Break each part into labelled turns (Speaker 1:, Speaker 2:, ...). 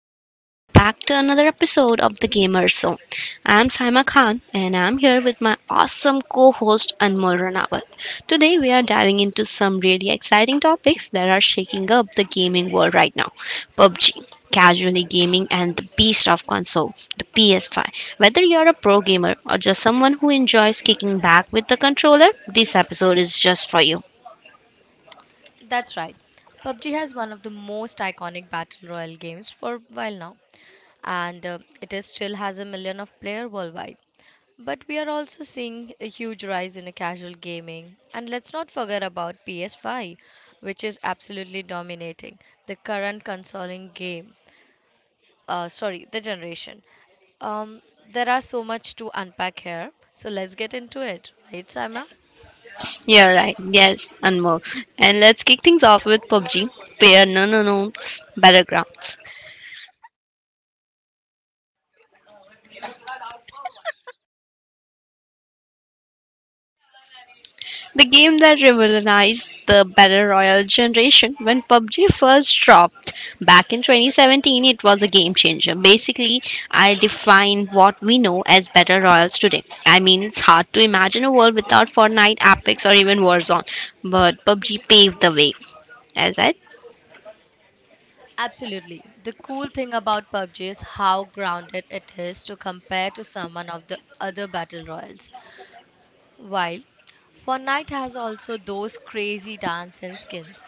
Speaker 1: and welcome back to another episode of the Gamer Zone. I'm Saima Khan, and I'm here with my awesome co-host Anmol Ranawat. Today we are diving into some really exciting topics that are shaking up the gaming world right now: PUBG, casually gaming, and the beast of console, the PS5. Whether you're a pro gamer or just someone who enjoys kicking back with the controller, this episode is just for you.
Speaker 2: That's right. PUBG has one of the most iconic battle royale games for a while now, and it is still has a million of player worldwide. But we are also seeing a huge rise in a casual gaming, and let's not forget about PS5, which is absolutely dominating the current consoling game. Sorry, the generation. Um, there are so much to unpack here, so let's get into it, right, Saima?
Speaker 1: Yeah, right. Yes, and more. And let's kick things off with PUBG, Player No No No Battlegrounds, the game that revolutionized the battle royale generation. When PUBG first dropped back in 2017, it was a game changer. Basically, I define what we know as battle royals today. I mean, it's hard to imagine a world without Fortnite, Apex, or even Warzone, but PUBG paved the way. As I.
Speaker 2: Absolutely. The cool thing about PUBG is how grounded it is to compare to someone of the other battle royals. While Fortnite has also those crazy dance and skins.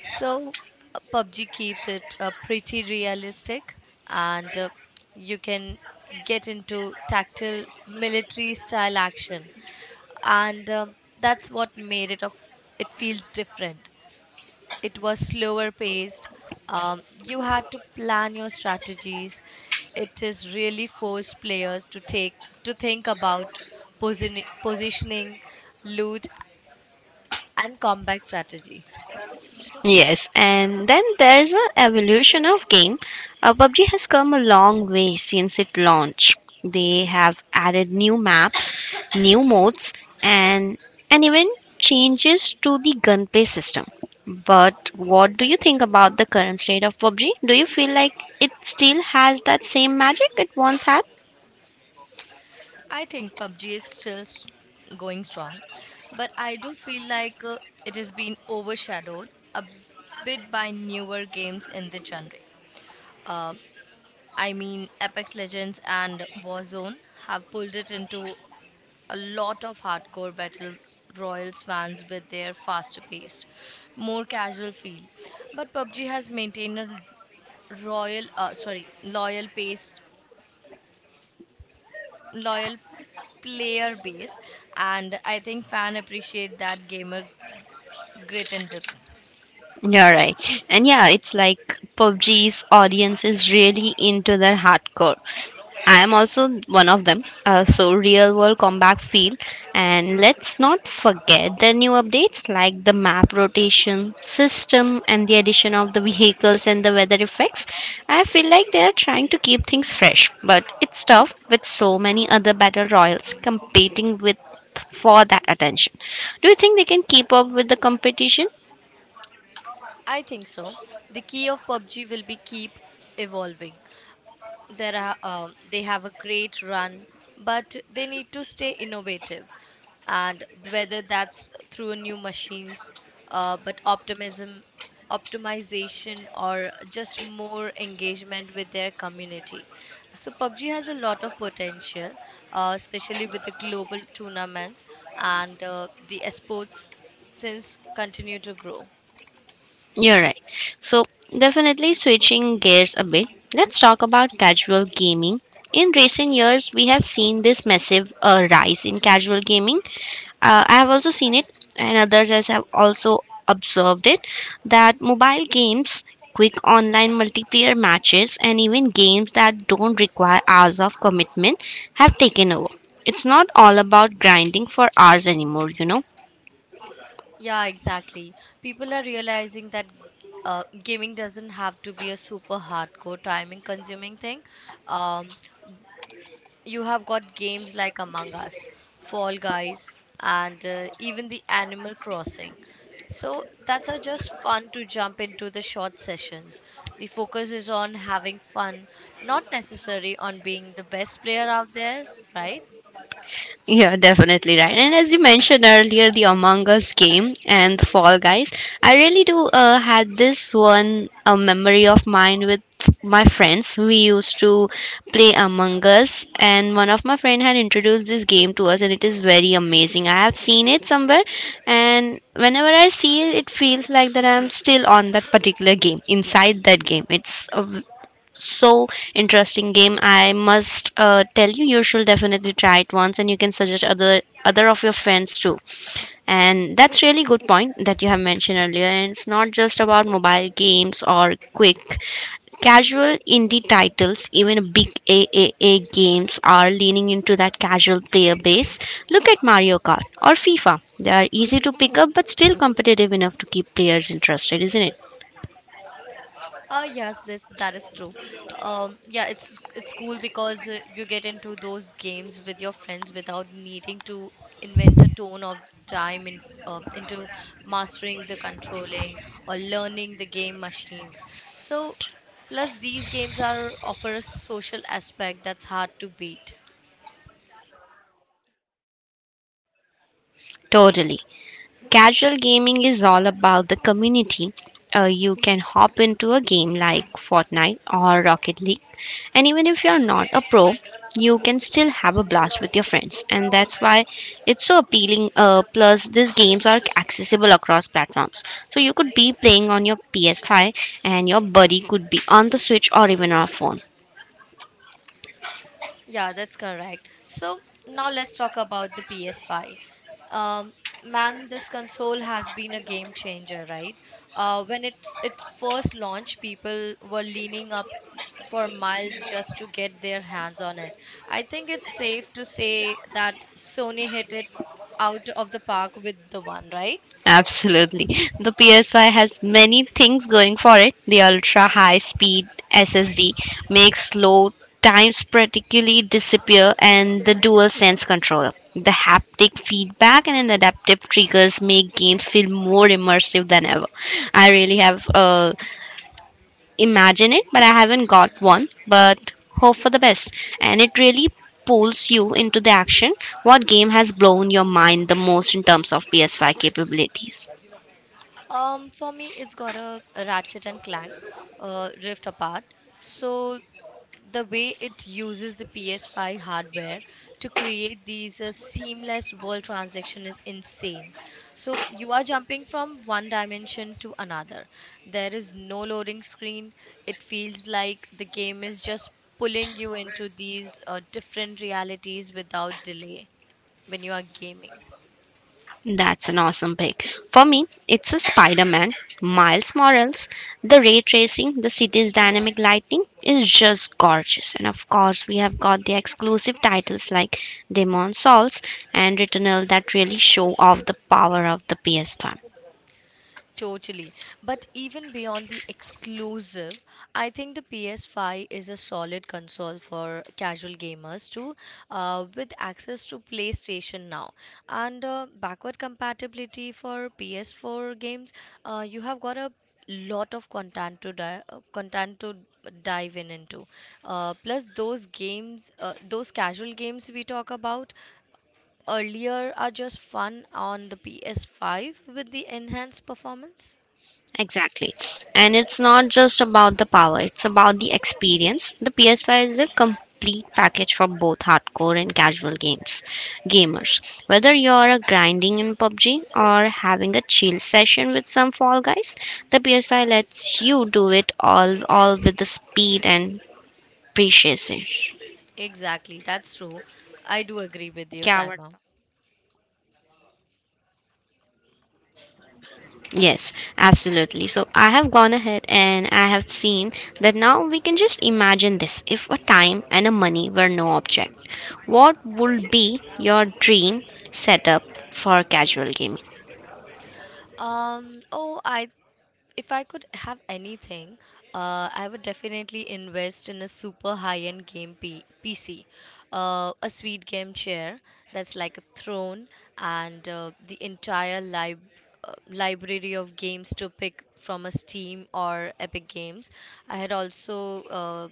Speaker 2: So PUBG keeps it pretty realistic and you can get into tactile military style action and that's what made it of it feels different it was slower paced. You had to plan your strategies. It is really forced players to take to think about positioning, loot, and combat strategy.
Speaker 1: Yes, and then there's an evolution of game. PUBG has come a long way since it launched. They have added new maps, new modes, and and even changes to the gunplay system. But what do you think about the current state of PUBG? Do you feel like it still has that same magic it once had?
Speaker 2: I think PUBG is still going strong, but I do feel like it has been overshadowed a bit by newer games in the genre. Um I mean, Apex Legends and Warzone have pulled it into a lot of hardcore battle royals fans with their faster paced, more casual feel. But PUBG has maintained a loyal loyal player base, and I think fan appreciate that gamer grit and depth.
Speaker 1: You're right. And yeah, it's like PUBG's audience is really into their hardcore. I am also one of them. So real world combat feel. And let's not forget the new updates like the map rotation system and the addition of the vehicles and the weather effects. I feel like they are trying to keep things fresh, but it's tough with so many other battle royals competing with for that attention. Do you think they can keep up with the competition?
Speaker 2: I think so. The key of PUBG will be keep evolving. There are, they have a great run, but they need to stay innovative. And whether that's through new machines, uh, but optimism, optimization, or just more engagement with their community. So PUBG has a lot of potential, especially with the global tournaments and the esports since continue to grow.
Speaker 1: You're right. So, definitely switching gears a bit, let's talk about casual gaming. In recent years, we have seen this massive rise in casual gaming. I have also seen it, and others as have also observed it, that mobile games, quick online multiplayer matches, and even games that don't require hours of commitment have taken over. It's not all about grinding for hours anymore, you know.
Speaker 2: Yeah, exactly. People are realizing that gaming doesn't have to be a super hardcore timing consuming thing. Um, you have got games like Among Us, Fall Guys, and even the Animal Crossing. So that's are just fun to jump into the short sessions. The focus is on having fun, not necessarily on being the best player out there, right?
Speaker 1: Yeah, definitely right. And as you mentioned earlier, the Among Us game and the Fall Guys, I really do had this one a memory of mine with my friends. We used to play Among Us, and one of my friend had introduced this game to us, and it is very amazing. I have seen it somewhere, and whenever I see it, it feels like that I'm still on that particular game, inside that game. It's a so interesting game. I must tell you, you should definitely try it once, and you can suggest other of your friends too. And that's really good point that you have mentioned earlier, and it's not just about mobile games or quick casual indie titles. Even big aaa games are leaning into that casual player base. Look at Mario Kart or FIFA. They are easy to pick up but still competitive enough to keep players interested, isn't it?
Speaker 2: Yes, this that is true. Yeah, it's cool because you get into those games with your friends without needing to invent a tone of time in, into mastering the controlling or learning the game machines. So, plus these games are offer a social aspect that's hard to beat.
Speaker 1: Totally. Casual gaming is all about the community. You can hop into a game like Fortnite or Rocket League, and even if you're not a pro, you can still have a blast with your friends, and that's why it's so appealing. Plus, these games are accessible across platforms, so you could be playing on your PS5, and your buddy could be on the Switch or even on a phone.
Speaker 2: Yeah, that's correct. So now let's talk about the PS5. Um, Man, this console has been a game changer, right? When it first launched, people were leaning up for miles just to get their hands on it. I think it's safe to say that Sony hit it out of the park with the one, right?
Speaker 1: Absolutely. The PS5 has many things going for it. The ultra high speed SSD makes load times practically disappear, and the dual sense controller. The haptic feedback and an adaptive triggers make games feel more immersive than ever. I really have imagined it, but I haven't got one. But hope for the best. And it really pulls you into the action. What game has blown your mind the most in terms of PS5 capabilities?
Speaker 2: For me, it's got a Ratchet and Clank, Rift Apart. So the way it uses the PS5 hardware to create these seamless world transaction is insane. So you are jumping from one dimension to another. There is no loading screen. It feels like the game is just pulling you into these different realities without delay when you are gaming.
Speaker 1: That's an awesome pick. For me, it's a Spider Man, Miles Morales. The ray tracing, the city's dynamic lighting is just gorgeous. And of course, we have got the exclusive titles like Demon Souls and Returnal that really show off the power of the PS5.
Speaker 2: Totally. But even beyond the exclusive, I think the PS5 is a solid console for casual gamers too, with access to PlayStation now. And backward compatibility for PS4 games, you have got a lot of content to dive in into plus those casual games we talk about earlier are just fun on the PS5 with the enhanced performance.
Speaker 1: Exactly. And it's not just about the power, it's about the experience. The PS5 is a complete package for both hardcore and casual games gamers. Whether you're a grinding in PUBG or having a chill session with some Fall Guys, the PS5 lets you do it all with the speed and precision.
Speaker 2: Exactly, that's true. I do agree with you,
Speaker 1: क्या
Speaker 2: Saima.
Speaker 1: आवडतं? Yes, absolutely. So I have gone ahead and I have seen that now we can just imagine this. If a time and a money were no object, what would be your dream setup for casual gaming?
Speaker 2: Oh, I if I could have anything, I would definitely invest in a super high-end PC, a sweet game chair that's like a throne, and library of games to pick from a Steam or Epic Games. I had also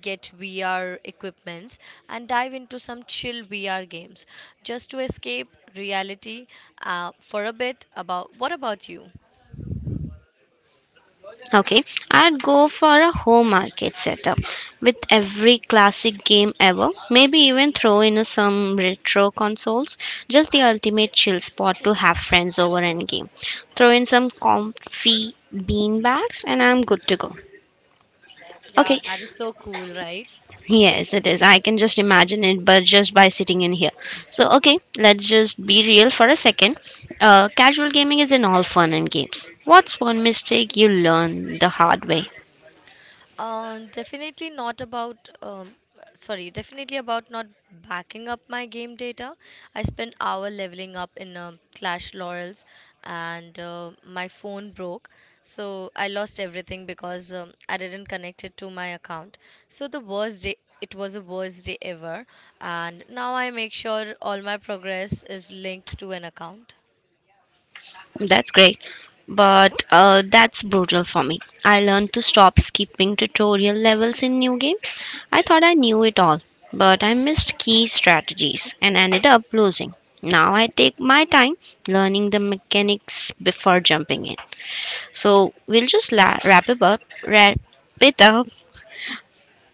Speaker 2: get VR equipments and dive into some chill VR games just to escape reality for a bit. About what about you?
Speaker 1: Okay, I'd go for a home market setup with every classic game ever. Maybe even throw in some retro consoles. Just the ultimate chill spot to have friends over and game. Throw in some comfy bean bags, and I'm good to go.
Speaker 2: Yeah,
Speaker 1: Okay,
Speaker 2: that is so cool, right?
Speaker 1: yes, it is. I can just imagine it, but just by sitting in here. So, okay, let's just be real for a second. Casual gaming is in all fun and games. What's one mistake you learn the hard way?
Speaker 2: Um, definitely not about, um, Definitely about not backing up my game data. I spent hour leveling up in Clash Laurels and my phone broke. So I lost everything because I didn't connect it to my account. So the worst day, it was the worst day ever. And now I make sure all my progress is linked to an account.
Speaker 1: That's great, but that's brutal. For me, I learned to stop skipping tutorial levels in new games. I thought I knew it all, but I missed key strategies and ended up losing. Now I take my time learning the mechanics before jumping in. So we'll just wrap it up.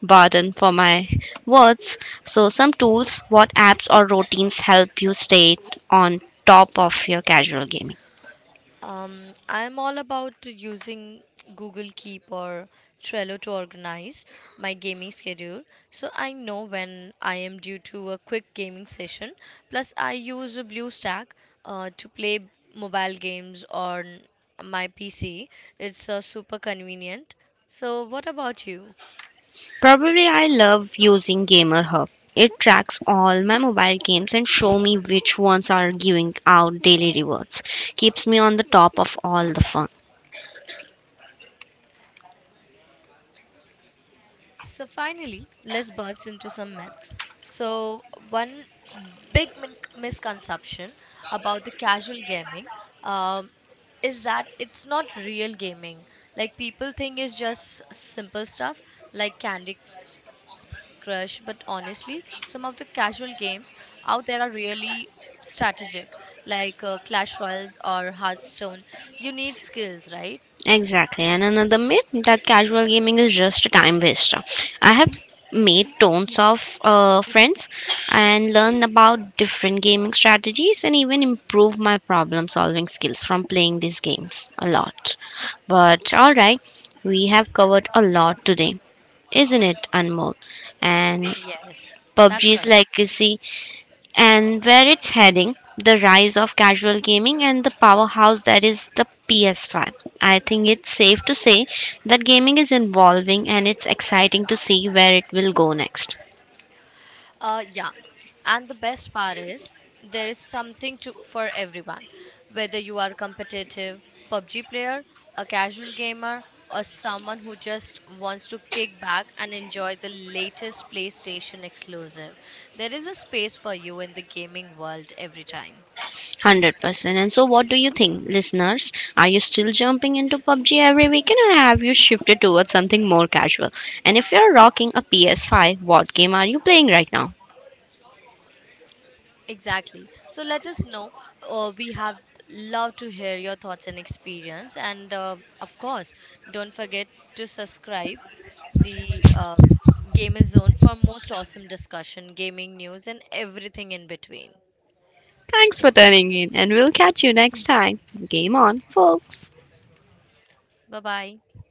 Speaker 1: Pardon for my words. So some tools, what apps or routines help you stay on top of your casual gaming?
Speaker 2: I'm all about using Google Keep or Trello to organize my gaming schedule so I know when I am due to a quick gaming session. Plus, I use a BlueStack to play mobile games on my PC. It's super convenient. So, what about you?
Speaker 1: Probably I love using Gamer Hub. It tracks all my mobile games and show me which ones are giving out daily rewards. Keeps me on the top of all the fun.
Speaker 2: So finally, let's burst into some myths. So one misconception about the casual gaming um, is that it's not real gaming. Like people think it's just simple stuff like Candy Crush, but honestly, some of the casual games out there are really strategic, like Clash Royals or Hearthstone. You need skills, right?
Speaker 1: Exactly. And another myth that casual gaming is just a time waster. I have made tons of friends and learned about different gaming strategies and even improve my problem solving skills from playing these games a lot. But all right, we have covered a lot today, isn't it, Anmol? And
Speaker 2: Yes, that's
Speaker 1: PUBG's
Speaker 2: correct.
Speaker 1: legacy and where it's heading, the rise of casual gaming and the powerhouse that is the PS5. I think it's safe to say that gaming is evolving and it's exciting to see where it will go next.
Speaker 2: Yeah. And the best part is there is something to for everyone. Whether you are competitive PUBG player, a casual gamer, or someone who just wants to kick back and enjoy the latest PlayStation exclusive, there is a space for you in the gaming world every time.
Speaker 1: 100%. And so, what do you think, listeners? Are you still jumping into PUBG every weekend or have you shifted towards something more casual? And if you're rocking a PS5, what game are you playing right now?
Speaker 2: Exactly. So let us know. We have loved to hear your thoughts and experience. And of course, don't forget to subscribe the Gamer Zone for most awesome discussion, gaming news, and everything in between.
Speaker 1: Thanks for tuning in, and we'll catch you next time. Game on, folks.
Speaker 2: Bye bye.